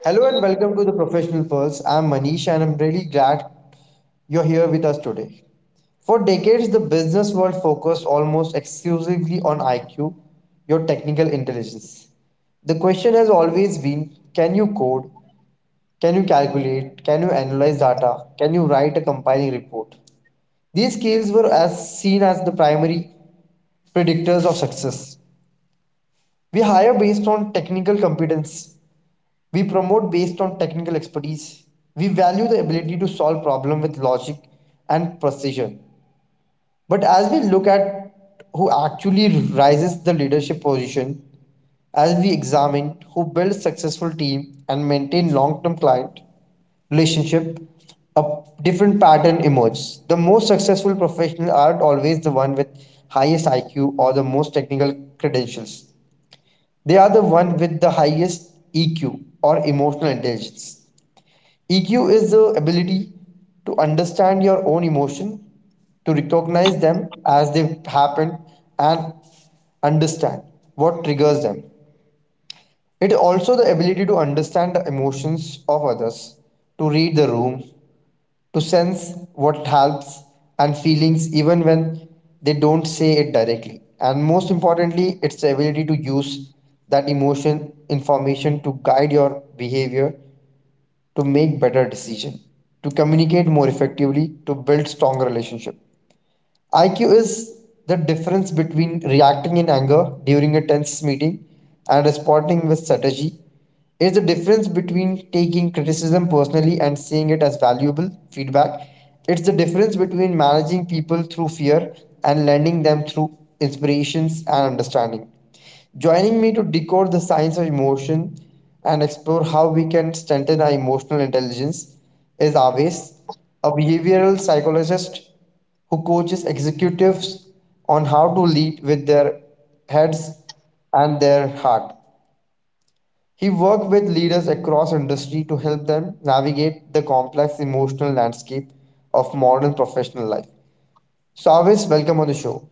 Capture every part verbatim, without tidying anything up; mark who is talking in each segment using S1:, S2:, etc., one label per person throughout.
S1: Hello and welcome to the Professional Pulse. I'm Manish and I'm really glad you're here with us today. For decades, the business world focused almost exclusively on I Q, your technical intelligence. The question has always been, can you code? Can you calculate? Can you analyze data? Can you write a compiling report? These skills were as seen as the primary predictors of success. We hire based on technical competence, we promote based on technical expertise. We value the ability to solve problem with logic and precision. But as we look at who actually rises the leadership position, as we examine who builds successful team and maintain long-term client relationship, a different pattern emerges. The most successful professionals aren't always the one with highest I Q or the most technical credentials. They are the one with the highest E Q or emotional intelligence. E Q is the ability to understand your own emotion, to recognize them as they happen, and understand what triggers them. It is also the ability to understand the emotions of others, to read the room, to sense what helps and feelings even when they don't say it directly. And most importantly, it's the ability to use that emotion information to guide your behavior, to make better decisions, to communicate more effectively, to build stronger relationship. I Q is the difference between reacting in anger during a tense meeting and responding with strategy. It's the difference between taking criticism personally and seeing it as valuable feedback. It's the difference between managing people through fear and lending them through inspirations and understanding. Joining me to decode the science of emotion and explore how we can strengthen our emotional intelligence is Aves, a behavioral psychologist who coaches executives on how to lead with their heads and their heart. He works with leaders across industry to help them navigate the complex emotional landscape of modern professional life. So, Aves, welcome on the show.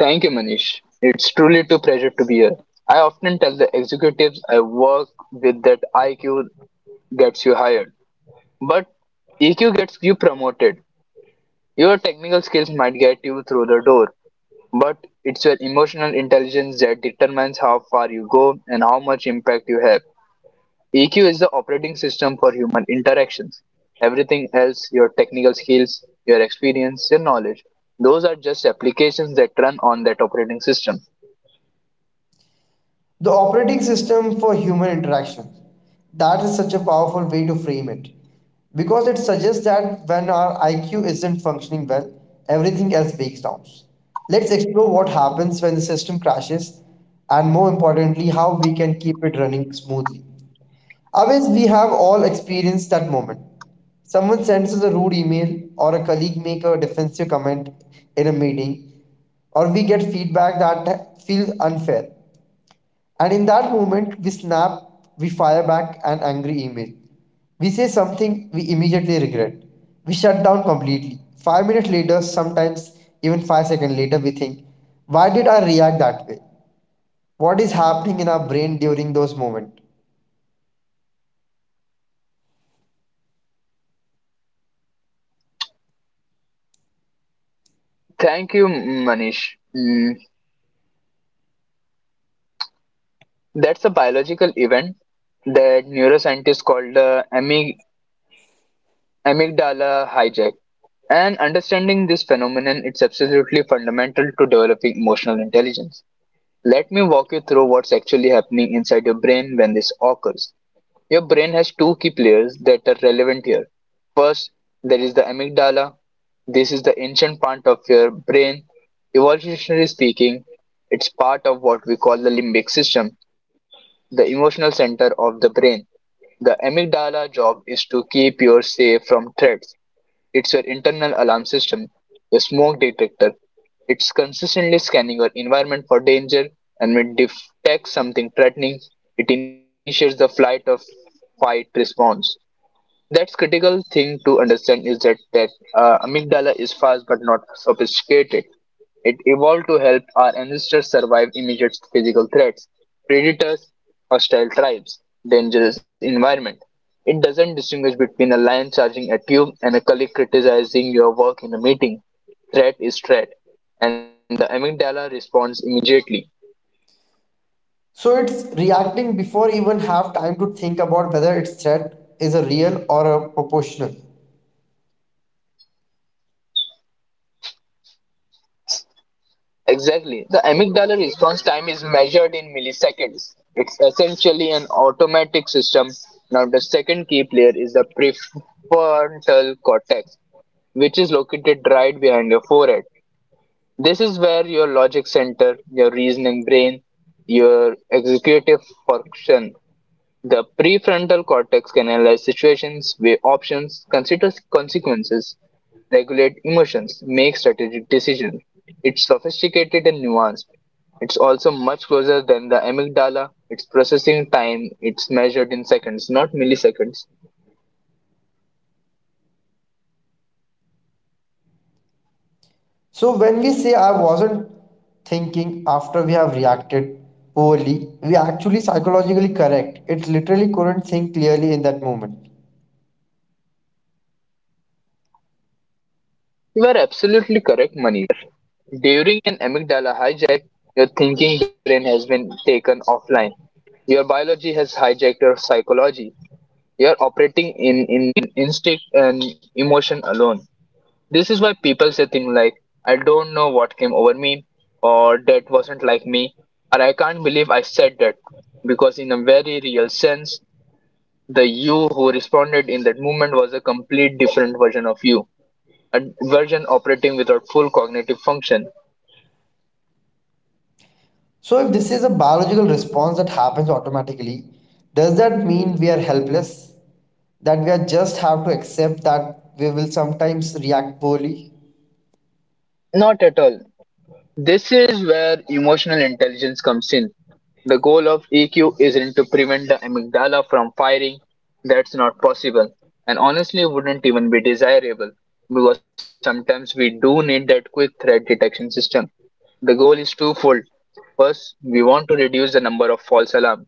S2: Thank you, Manish. It's truly a pleasure to be here. I often tell the executives I work with that I Q gets you hired, but E Q gets you promoted. Your technical skills might get you through the door, but it's your emotional intelligence that determines how far you go and how much impact you have. E Q is the operating system for human interactions. Everything else, your technical skills, your experience, your knowledge, those are just applications that run on that operating system.
S1: The operating system for human interaction. That is such a powerful way to frame it. Because it suggests that when our I Q isn't functioning well, everything else breaks down. Let's explore what happens when the system crashes and, more importantly, how we can keep it running smoothly. I guess we have all experienced that moment. Someone sends us a rude email, or a colleague make a defensive comment in a meeting, or we get feedback that feels unfair. And in that moment, we snap, we fire back an angry email. We say something we immediately regret. We shut down completely. Five minutes later, sometimes even five seconds later, we think, why did I react that way? What is happening in our brain during those moments?
S2: Thank you, Manish. Mm, that's a biological event that neuroscientists call the amyg- amygdala hijack. And understanding this phenomenon is absolutely fundamental to developing emotional intelligence. Let me walk you through what's actually happening inside your brain when this occurs. Your brain has two key players that are relevant here. First, there is the amygdala. This is the ancient part of your brain. Evolutionarily speaking, it's part of what we call the limbic system, the emotional center of the brain. The amygdala's job is to keep you safe from threats. It's your internal alarm system, your smoke detector. It's consistently scanning your environment for danger, and when it detects something threatening, it initiates the flight or fight response. That's critical thing to understand is that that uh, amygdala is fast but not sophisticated. It evolved to help our ancestors survive immediate physical threats, predators, hostile tribes, dangerous environment. It doesn't distinguish between a lion charging at you and a colleague criticizing your work in a meeting. Threat is threat, and the amygdala responds immediately.
S1: So it's reacting before even have time to think about whether its threat is a real or a proportional.
S2: Exactly. The amygdala response time is measured in milliseconds. It's essentially an automatic system. Now, the second key player is the prefrontal cortex, which is located right behind your forehead. This is where your logic center, your reasoning brain, your executive function, the prefrontal cortex can analyze situations, weigh options, consider consequences, regulate emotions, make strategic decisions. It's sophisticated and nuanced. It's also much closer than the amygdala. Its processing time, it's measured in seconds, not milliseconds.
S1: So when we say I wasn't thinking after we have reacted poorly, we are actually psychologically correct. It literally couldn't think clearly in that moment.
S2: You are absolutely correct, Manish. During an amygdala hijack, your thinking brain has been taken offline. Your biology has hijacked your psychology. You're operating in, in instinct and emotion alone. This is why people say things like, I don't know what came over me, or that wasn't like me, or I can't believe I said that. Because, in a very real sense, the you who responded in that moment was a complete different version of you, a version operating without full cognitive function.
S1: So if this is a biological response that happens automatically, does that mean we are helpless? That we are just have to accept that we will sometimes react poorly?
S2: Not at all. This is where emotional intelligence comes in. The goal of E Q isn't to prevent the amygdala from firing, that's not possible, and honestly wouldn't even be desirable because sometimes we do need that quick threat detection system. The goal is twofold. First, we want to reduce the number of false alarms,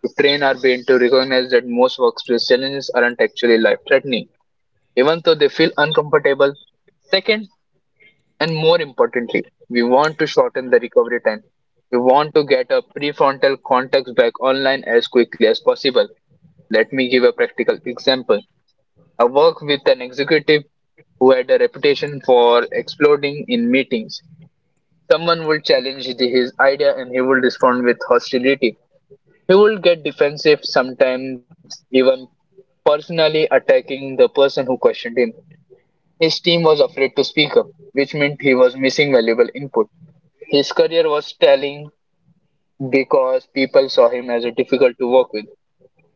S2: to train our brain to recognize that most workplace challenges aren't actually life threatening, even though they feel uncomfortable. Second, and more importantly, we want to shorten the recovery time. We want to get our prefrontal cortex back online as quickly as possible. Let me give a practical example. I work with an executive who had a reputation for exploding in meetings. Someone would challenge the- his idea and he would respond with hostility. He would get defensive, sometimes even personally attacking the person who questioned him. His team was afraid to speak up, which meant he was missing valuable input. His career was telling because people saw him as a difficult to work with.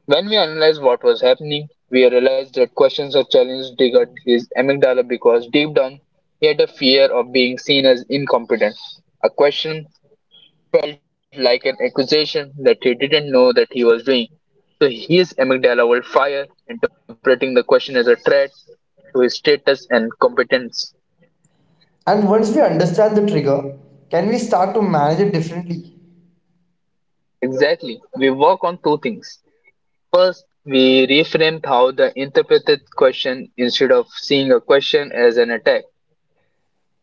S2: When we analyzed what was happening, we realized that questions or challenges triggered his amygdala because deep down he had a fear of being seen as incompetent. A question felt like an accusation that he didn't know that he was doing. So his amygdala will fire, interpreting the question as a threat to his status and competence.
S1: And once we understand the trigger, can we start to manage it differently?
S2: Exactly. We work on two things. First, we reframed how the interpreted question, instead of seeing a question as an attack,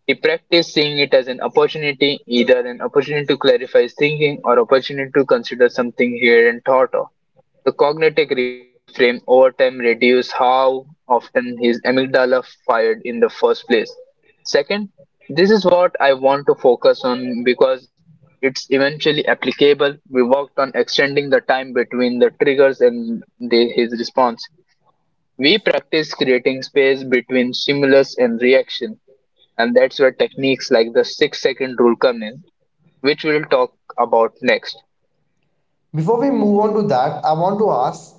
S2: we practiced seeing it as an opportunity, either an opportunity to clarify his thinking or opportunity to consider something he hadn't thought of. The cognitive reframe over time reduced how often his amygdala fired in the first place. Second, this is what I want to focus on because it's eventually applicable. We worked on extending the time between the triggers and the, his response. We practice creating space between stimulus and reaction, and that's where techniques like the six second rule come in, which we'll talk about next.
S1: Before we move on to that, I want to ask,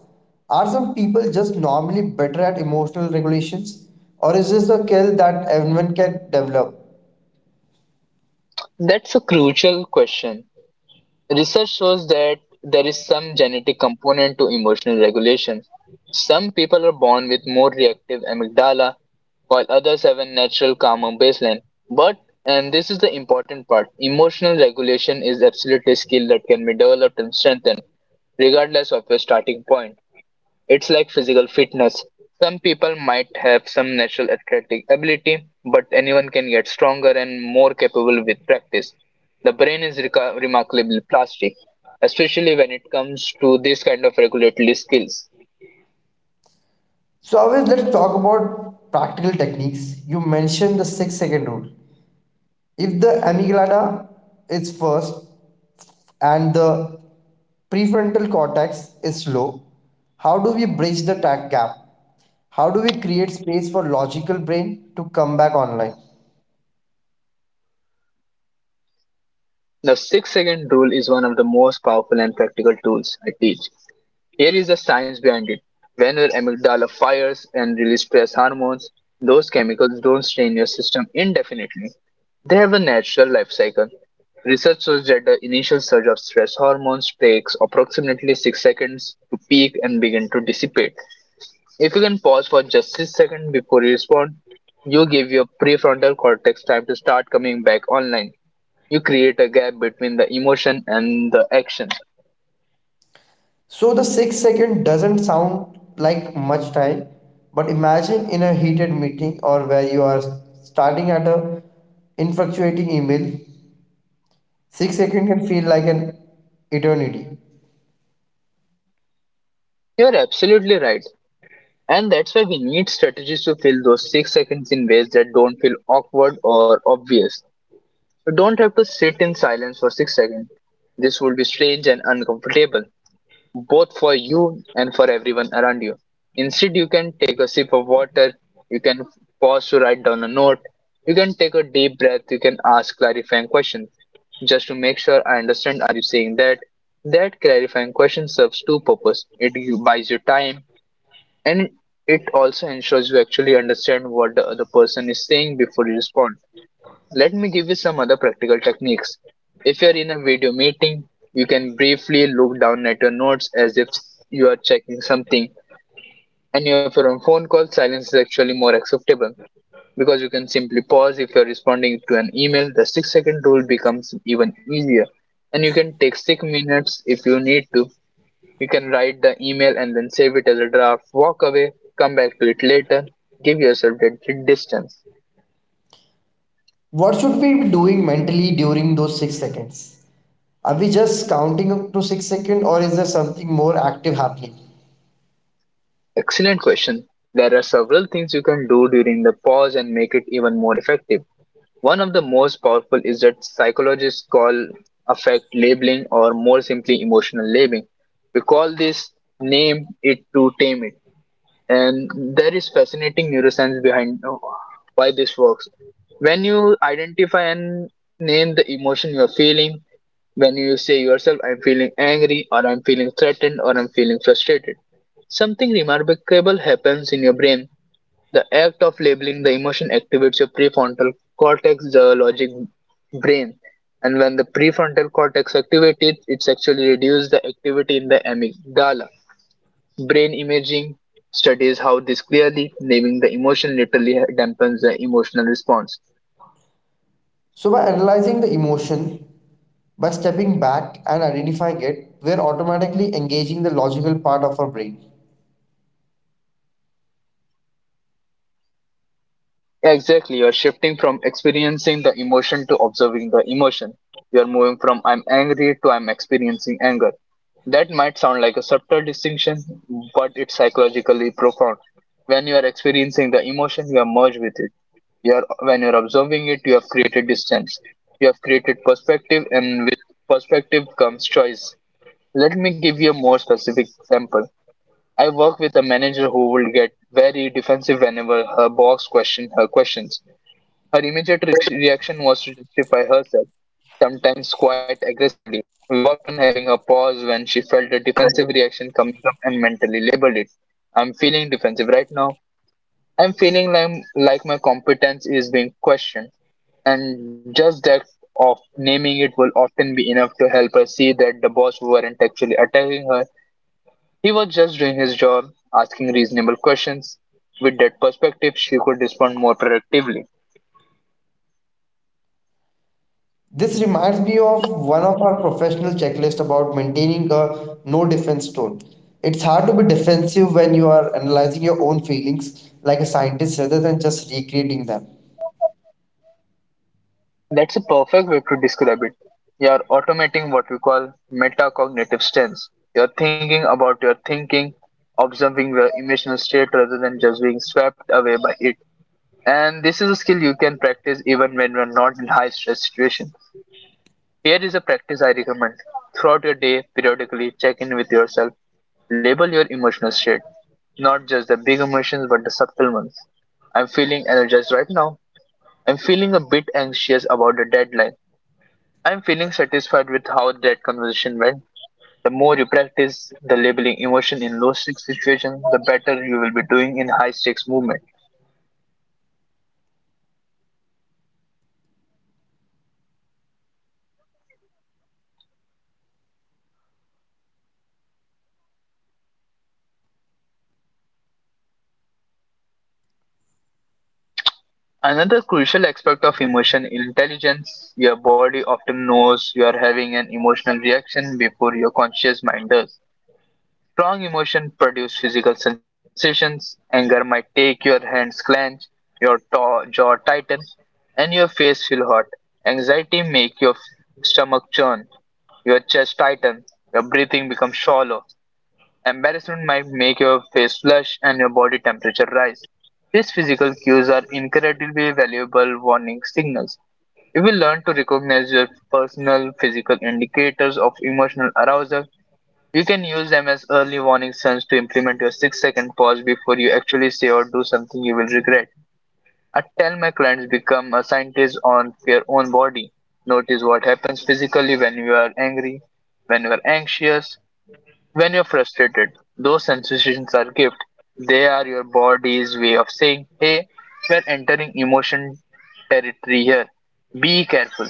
S1: are some people just normally better at emotional regulations or is this a skill that everyone can develop?
S2: That's a crucial question. Research shows that there is some genetic component to emotional regulation. Some people are born with more reactive amygdala, while others have a natural calmer baseline. But, and this is the important part, emotional regulation is absolutely a skill that can be developed and strengthened regardless of your starting point. It's like physical fitness. Some people might have some natural athletic ability, but anyone can get stronger and more capable with practice. The brain is reca- remarkably plastic, especially when it comes to this kind of regulatory skills.
S1: So, always, let's talk about practical techniques. You mentioned the six second rule. If the amygdala is first and the prefrontal cortex is slow, how do we bridge the tech gap? How do we create space for logical brain to come back online?
S2: The six second rule is one of the most powerful and practical tools I teach. Here is the science behind it. When your amygdala fires and releases stress hormones, those chemicals don't stay in your system indefinitely. They have a natural life cycle. Research shows that the initial surge of stress hormones takes approximately six seconds to peak and begin to dissipate. If you can pause for just six seconds before you respond, you give your prefrontal cortex time to start coming back online. You create a gap between the emotion and the action.
S1: So the six second doesn't sound like much time, but imagine in a heated meeting or where you are starting at a infatuating email, six second can feel like an eternity.
S2: You're absolutely right. And that's why we need strategies to fill those six seconds in ways that don't feel awkward or obvious. You don't have to sit in silence for six seconds. This would be strange and uncomfortable, both for you and for everyone around you. Instead, you can take a sip of water, you can pause to write down a note, you can take a deep breath, you can ask clarifying questions. Just to make sure I understand, are you saying that? That clarifying question serves two purposes. It buys you time, and it also ensures you actually understand what the other person is saying before you respond. Let me give you some other practical techniques. If you're in a video meeting, you can briefly look down at your notes as if you are checking something. And if you're on phone call, silence is actually more acceptable because you can simply pause. If you're responding to an email, the six second rule becomes even easier. And you can take six minutes if you need to. You can write the email and then save it as a draft, walk away, come back to it later, give yourself that distance.
S1: What should we be doing mentally during those six seconds? Are we just counting up to six seconds or is there something more active happening?
S2: Excellent question. There are several things you can do during the pause and make it even more effective. One of the most powerful is that psychologists call affect labeling, or more simply emotional labeling. We call this name it to tame it. And there is fascinating neuroscience behind uh, why this works. When you identify and name the emotion you're feeling, when you say yourself I'm feeling angry or I'm feeling threatened or I'm feeling frustrated, something remarkable happens in your brain. The act of labeling the emotion activates your prefrontal cortex, the logic brain. And when the prefrontal cortex activates it it's actually reduces the activity in the amygdala. Brain imaging studies how this clearly naming the emotion literally dampens the emotional response.
S1: So by analyzing the emotion, by stepping back and identifying it, we're automatically engaging the logical part of our brain.
S2: Exactly, you're shifting from experiencing the emotion to observing the emotion. You're moving from I'm angry to I'm experiencing anger. That might sound like a subtle distinction, but it's psychologically profound. When you are experiencing the emotion, you are merged with it. You are, when you are observing it, you have created distance. You have created perspective, and with perspective comes choice. Let me give you a more specific example. I work with a manager who will get very defensive whenever her boss question her questions. Her immediate re- reaction was to justify herself, sometimes quite aggressively. We worked on having her pause when she felt a defensive reaction coming up and mentally labeled it. I'm feeling defensive right now. I'm feeling like, like my competence is being questioned, and just that of naming it will often be enough to help her see that the boss weren't actually attacking her, he was just doing his job, asking reasonable questions. With that perspective, she could respond more productively.
S1: This reminds me of one of our professional checklists about maintaining a no defense tone. It's hard to be defensive when you are analyzing your own feelings like a scientist rather than just recreating them.
S2: That's a perfect way to describe it. You are automating what we call metacognitive stance. You're thinking about your thinking, observing your emotional state rather than just being swept away by it. And this is a skill you can practice even when you're not in high stress situation. Here is a practice I recommend. Throughout your day, periodically check in with yourself. Label your emotional state, not just the big emotions but the subtle ones. I'm feeling energized right now. I'm feeling a bit anxious about the deadline. I'm feeling satisfied with how that conversation went. The more you practice the labeling emotion in low stakes situations, the better you will be doing in high stakes movement. Another crucial aspect of emotion intelligence: your body often knows you are having an emotional reaction before your conscious mind does. Strong emotion produce physical sensations. Anger might take your hands clench, your to- jaw tighten, and your face feel hot. Anxiety make your stomach churn, your chest tighten, your breathing becomes shallow. Embarrassment might make your face flush and your body temperature rise. These physical cues are incredibly valuable warning signals. If we learn to recognize your personal physical indicators of emotional arousal, you can use them as early warning signs to implement your six second pause before you actually say or do something you will regret. I tell my clients become a scientist on their own body. Notice what happens physically when you are angry, when you are anxious, when you're frustrated. Those sensations are gift. They are your body's way of saying, hey, we're entering emotion territory here. Be careful.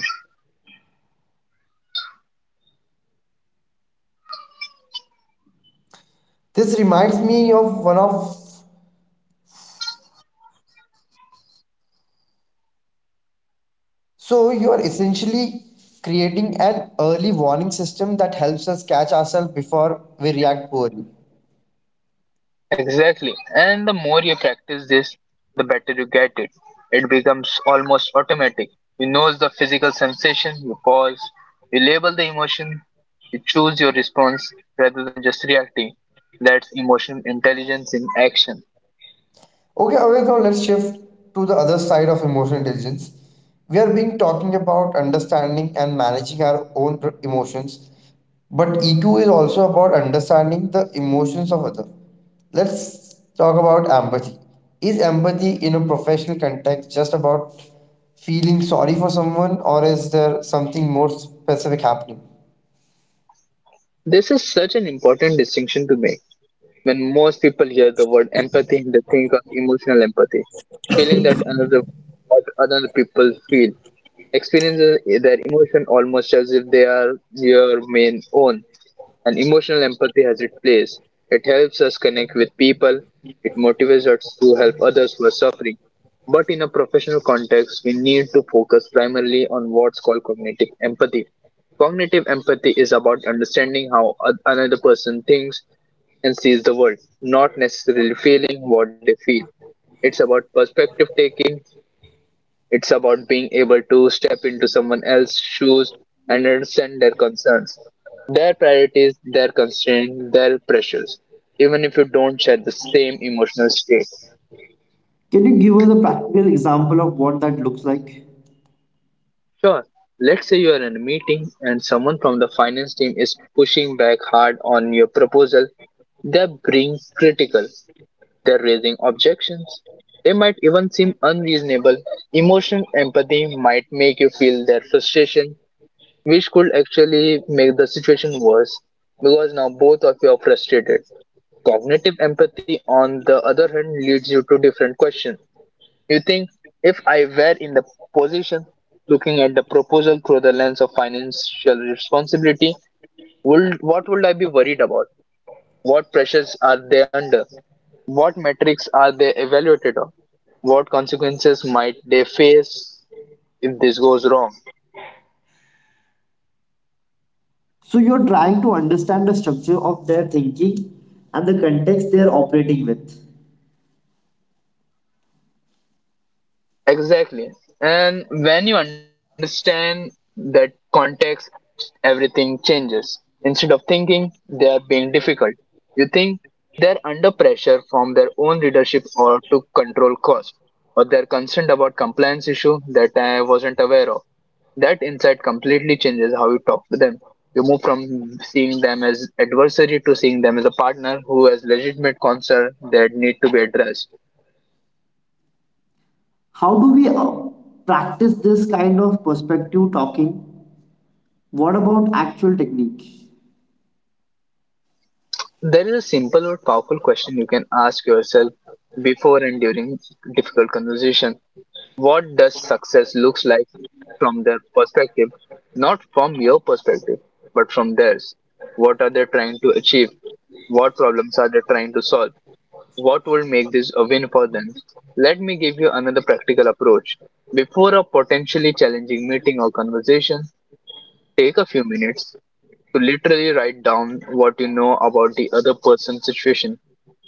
S1: This reminds me of one of So you are essentially creating an early warning system that helps us catch ourselves before we react poorly.
S2: Exactly. And the more you practice this, the better you get it. It becomes almost automatic. You notice the physical sensation, you pause, you label the emotion, you choose your response rather than just reacting. That's emotional intelligence in action.
S1: Okay, Aved, now let's shift to the other side of emotional intelligence. We are being talking about understanding and managing our own r- emotions, but E Q is also about understanding the emotions of others. Let's talk about empathy. Is empathy in a professional context just about feeling sorry for someone, or is there something more specific happening?
S2: This is such an important distinction to make. When most people hear the word empathy, they think of emotional empathy, feeling that another what other people feel, experiencing their emotion almost as if they are your main own. And emotional empathy has its place. It helps us connect with people, it motivates us to help others who are suffering. But in a professional context, we need to focus primarily on what's called cognitive empathy. Cognitive empathy is about understanding how oth- another person thinks and sees the world, not necessarily feeling what they feel. It's about perspective taking, it's about being able to step into someone else's shoes and understand their concerns, their priorities, their constraints, their pressures, even if you don't share the same emotional state.
S1: Can you give us a practical example of what that looks like?
S2: Sure, let's say you are in a meeting and someone from the finance team is pushing back hard on your proposal. They're being critical, they're raising objections. They might even seem unreasonable. Emotional empathy might make you feel their frustration, which could actually make the situation worse because now both of you are frustrated. Cognitive empathy, on the other hand, leads you to different questions. You think, if I were in the position looking at the proposal through the lens of financial responsibility, would, what would I be worried about? What pressures are they under? What metrics are they evaluated on? What consequences might they face if this goes wrong?
S1: So you're trying to understand the structure of their thinking and the context they're operating with.
S2: Exactly. And when you understand that context, everything changes. Instead of thinking they are being difficult, you think they're under pressure from their own leadership or to control cost, or they're concerned about compliance issue that I wasn't aware of. That insight completely changes how you talk to them. You move from seeing them as adversary to seeing them as a partner who has legitimate concern that need to be addressed.
S1: How do we uh, practice this kind of perspective talking? What about actual technique?
S2: There is a simple but powerful question you can ask yourself before and during difficult conversation. What does success looks like from their perspective? Not from your perspective, but from theirs. What are they trying to achieve? What problems are they trying to solve? What will make this a win for them? Let me give you another practical approach. Before a potentially challenging meeting or conversation, take a few minutes to literally write down what you know about the other person's situation.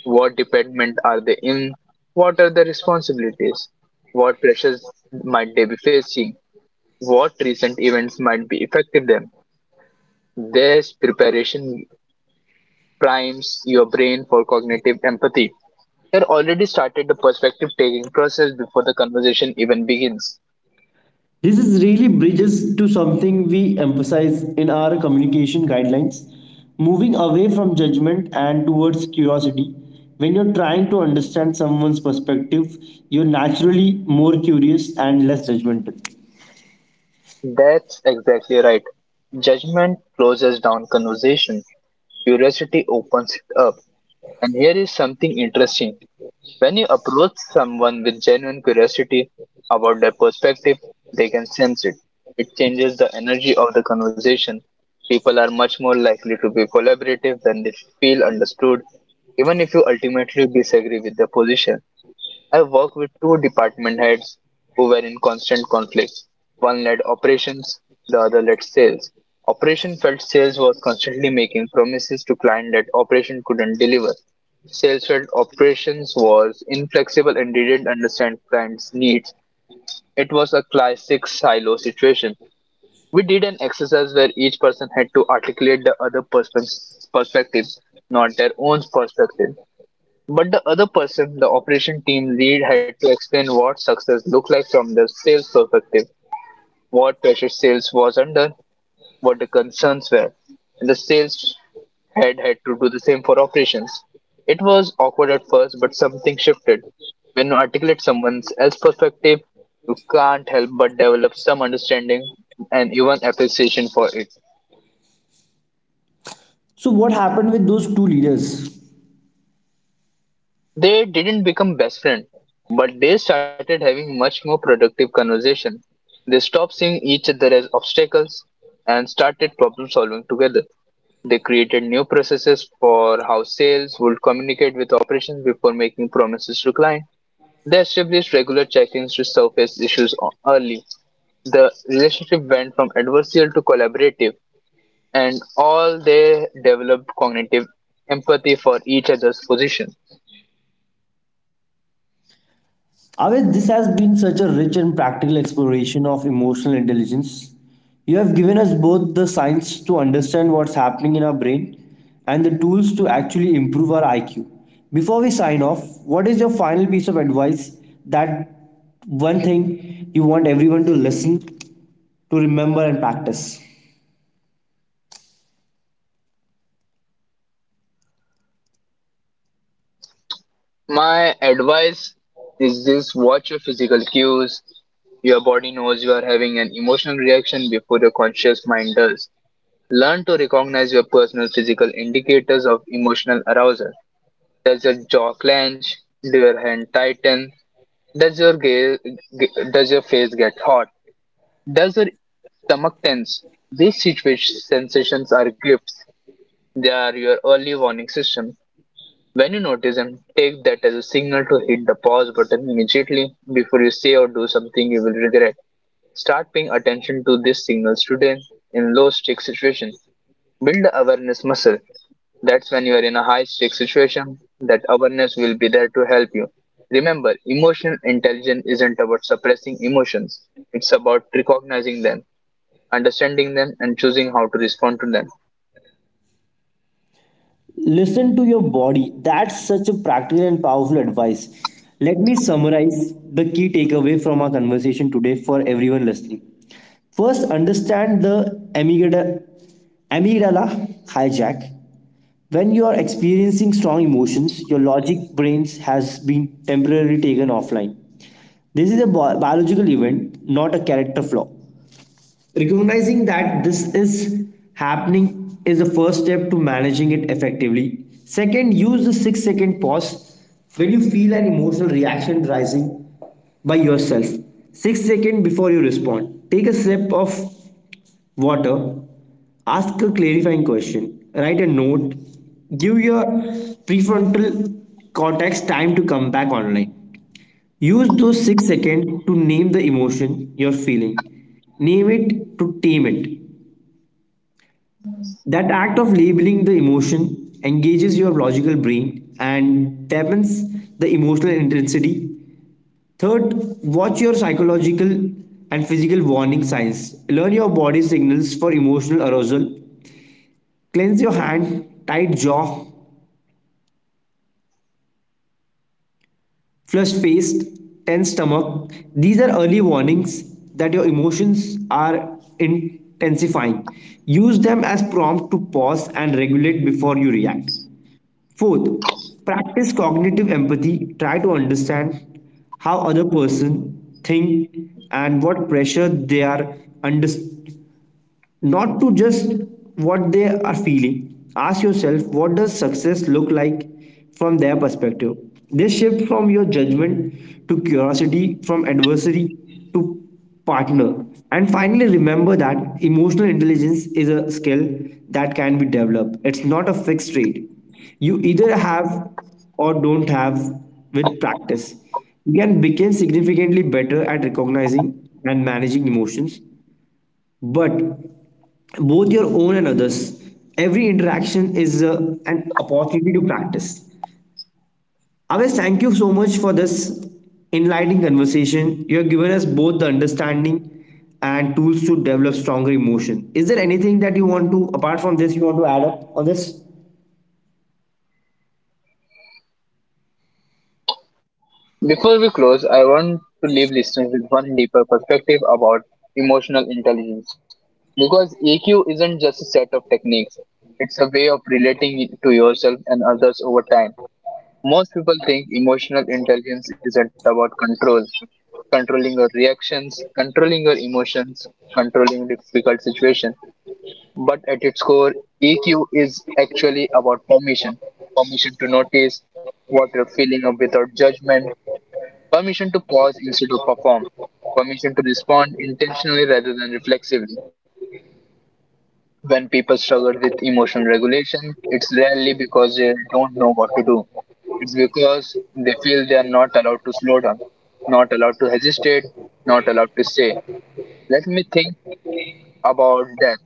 S2: What department are they in? What are their responsibilities? What pressures might they be facing? What recent events might be affecting them? This preparation primes your brain for cognitive empathy. You're already started the perspective taking process before the conversation even begins.
S1: This is really bridges to something we emphasize in our communication guidelines, moving away from judgment and towards curiosity. When you're trying to understand someone's perspective, you're naturally more curious and less judgmental.
S2: That's exactly right. Judgment closes down conversation. Curiosity opens it up. And here is something interesting. When you approach someone with genuine curiosity about their perspective, they can sense it. It changes the energy of the conversation. People are much more likely to be collaborative when they feel understood, even if you ultimately disagree with their position. I worked with two department heads who were in constant conflict. One led operations, the other led sales. Operation felt sales was constantly making promises to client that operation couldn't deliver. Sales felt operations was inflexible and didn't understand clients' needs. It was a classic silo situation. We did an exercise where each person had to articulate the other person's perspective, not their own perspective. But the other person, the operation team lead, had to explain what success looked like from the sales perspective, what pressure sales was under, what the concerns were, and the sales head had to do the same for operations. It was awkward at first, but something shifted. When you articulate someone else's perspective, you can't help but develop some understanding and even appreciation for it.
S1: So, what happened with those two leaders?
S2: They didn't become best friends, but they started having much more productive conversation. They stopped seeing each other as obstacles and started problem solving together. They created new processes for how sales would communicate with operations before making promises to client. They established regular check-ins to surface issues o- early. The relationship went from adversarial to collaborative, and all they developed cognitive empathy for each other's position.
S1: Avet, this has been such a rich and practical exploration of emotional intelligence. You have given us both the science to understand what's happening in our brain and the tools to actually improve our I Q. Before we sign off, what is your final piece of advice, that one thing you want everyone to listen, to remember, and practice?
S2: My advice is this: watch your physical cues. Your body knows you are having an emotional reaction before your conscious mind does. Learn to recognize your personal physical indicators of emotional arousal. Does your jaw clench? Do your hand tighten? Does your gaze, does your face get hot? Does your stomach tense? These situation sensations are gifts. They are your early warning system. When you notice them, take that as a signal to hit the pause button immediately before you say or do something you will regret. Start paying attention to these signals today in low stake situations. Build the awareness muscle. That's when you are in a high stake situation, that awareness will be there to help you. Remember, emotional intelligence isn't about suppressing emotions. It's about recognizing them, understanding them, and choosing how to respond to them.
S1: Listen to your body. That's such a practical and powerful advice. Let me summarize the key takeaway from our conversation today for everyone listening. First, understand the amygdala, amygdala hijack. When you are experiencing strong emotions, your logic brains has been temporarily taken offline. This is a bi- biological event, not a character flaw. Recognizing that this is happening is the first step to managing it effectively. Second, use the six second pause. When you feel an emotional reaction rising, by yourself six seconds before you respond. Take a sip of water, ask a clarifying question, write a note. Give your prefrontal cortex time to come back online. Use those six seconds to name the emotion you're feeling. Name it to tame it. That act of labeling the emotion engages your logical brain and dampens the emotional intensity. Third, watch your psychological and physical warning signs. Learn your body signals for emotional arousal. Cleanse your hand, tight jaw, flushed face, tense stomach. These are early warnings that your emotions are intensifying. Use them as prompts to pause and regulate before you react. Fourth, practice cognitive empathy. Try to understand how other person think and what pressure they are under, not to just what they are feeling. Ask yourself, what does success look like from their perspective? This shift from your judgment to curiosity, from adversary to partner. And finally, remember that emotional intelligence is a skill that can be developed. It's not a fixed rate you either have or don't have. With practice, you can become significantly better at recognizing and managing emotions, but both your own and others. Every interaction is uh, an opportunity to practice. Aves, thank you so much for this enlightening conversation. You have given us both the understanding and tools to develop stronger emotion. Is there anything that you want to, apart from this, you want to add up on this?
S2: Before we close, I want to leave listeners with one deeper perspective about emotional intelligence. Because E Q isn't just a set of techniques, it's a way of relating to yourself and others over time. Most people think emotional intelligence isn't about control, controlling your reactions, controlling your emotions, controlling difficult situations. But at its core, E Q is actually about permission, permission to notice what you're feeling without judgment. Permission to pause instead of perform. Permission to respond intentionally rather than reflexively. When people struggle with emotional regulation, it's rarely because they don't know what to do. It's because they feel they are not allowed to slow down, not allowed to hesitate, not allowed to say, let me think about that.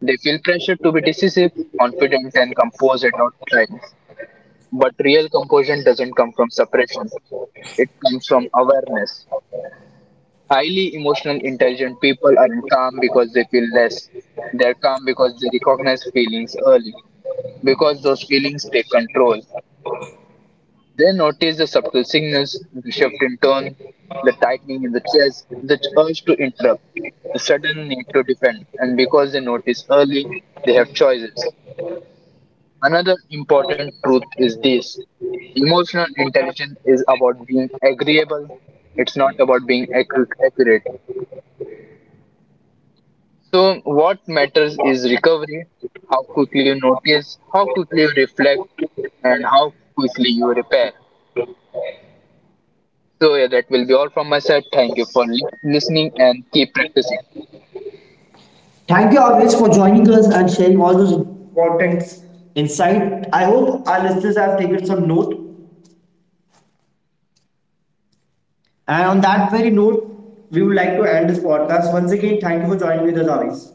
S2: They feel pressure to be decisive, confident, and composed at all times. But real composure doesn't come from suppression, it comes from awareness. Highly emotional, intelligent people aren't calm because they feel less. They're calm because they recognize feelings early, because those feelings take control. They notice the subtle signals, the shift in tone, the tightening in the chest, the urge to interrupt, the sudden need to defend. And because they notice early, they have choices. Another important truth is this: emotional intelligence is about being agreeable, it's not about being accu- accurate. So, what matters is recovery, how quickly you notice, how quickly you reflect, and how quickly you repair. So, yeah, that will be all from my side. Thank you for li- listening and keep practicing.
S1: Thank you always, for joining us and sharing all those important insight. I hope our listeners have taken some note. And on that very note, we would like to end this podcast. Once again, thank you for joining with us always.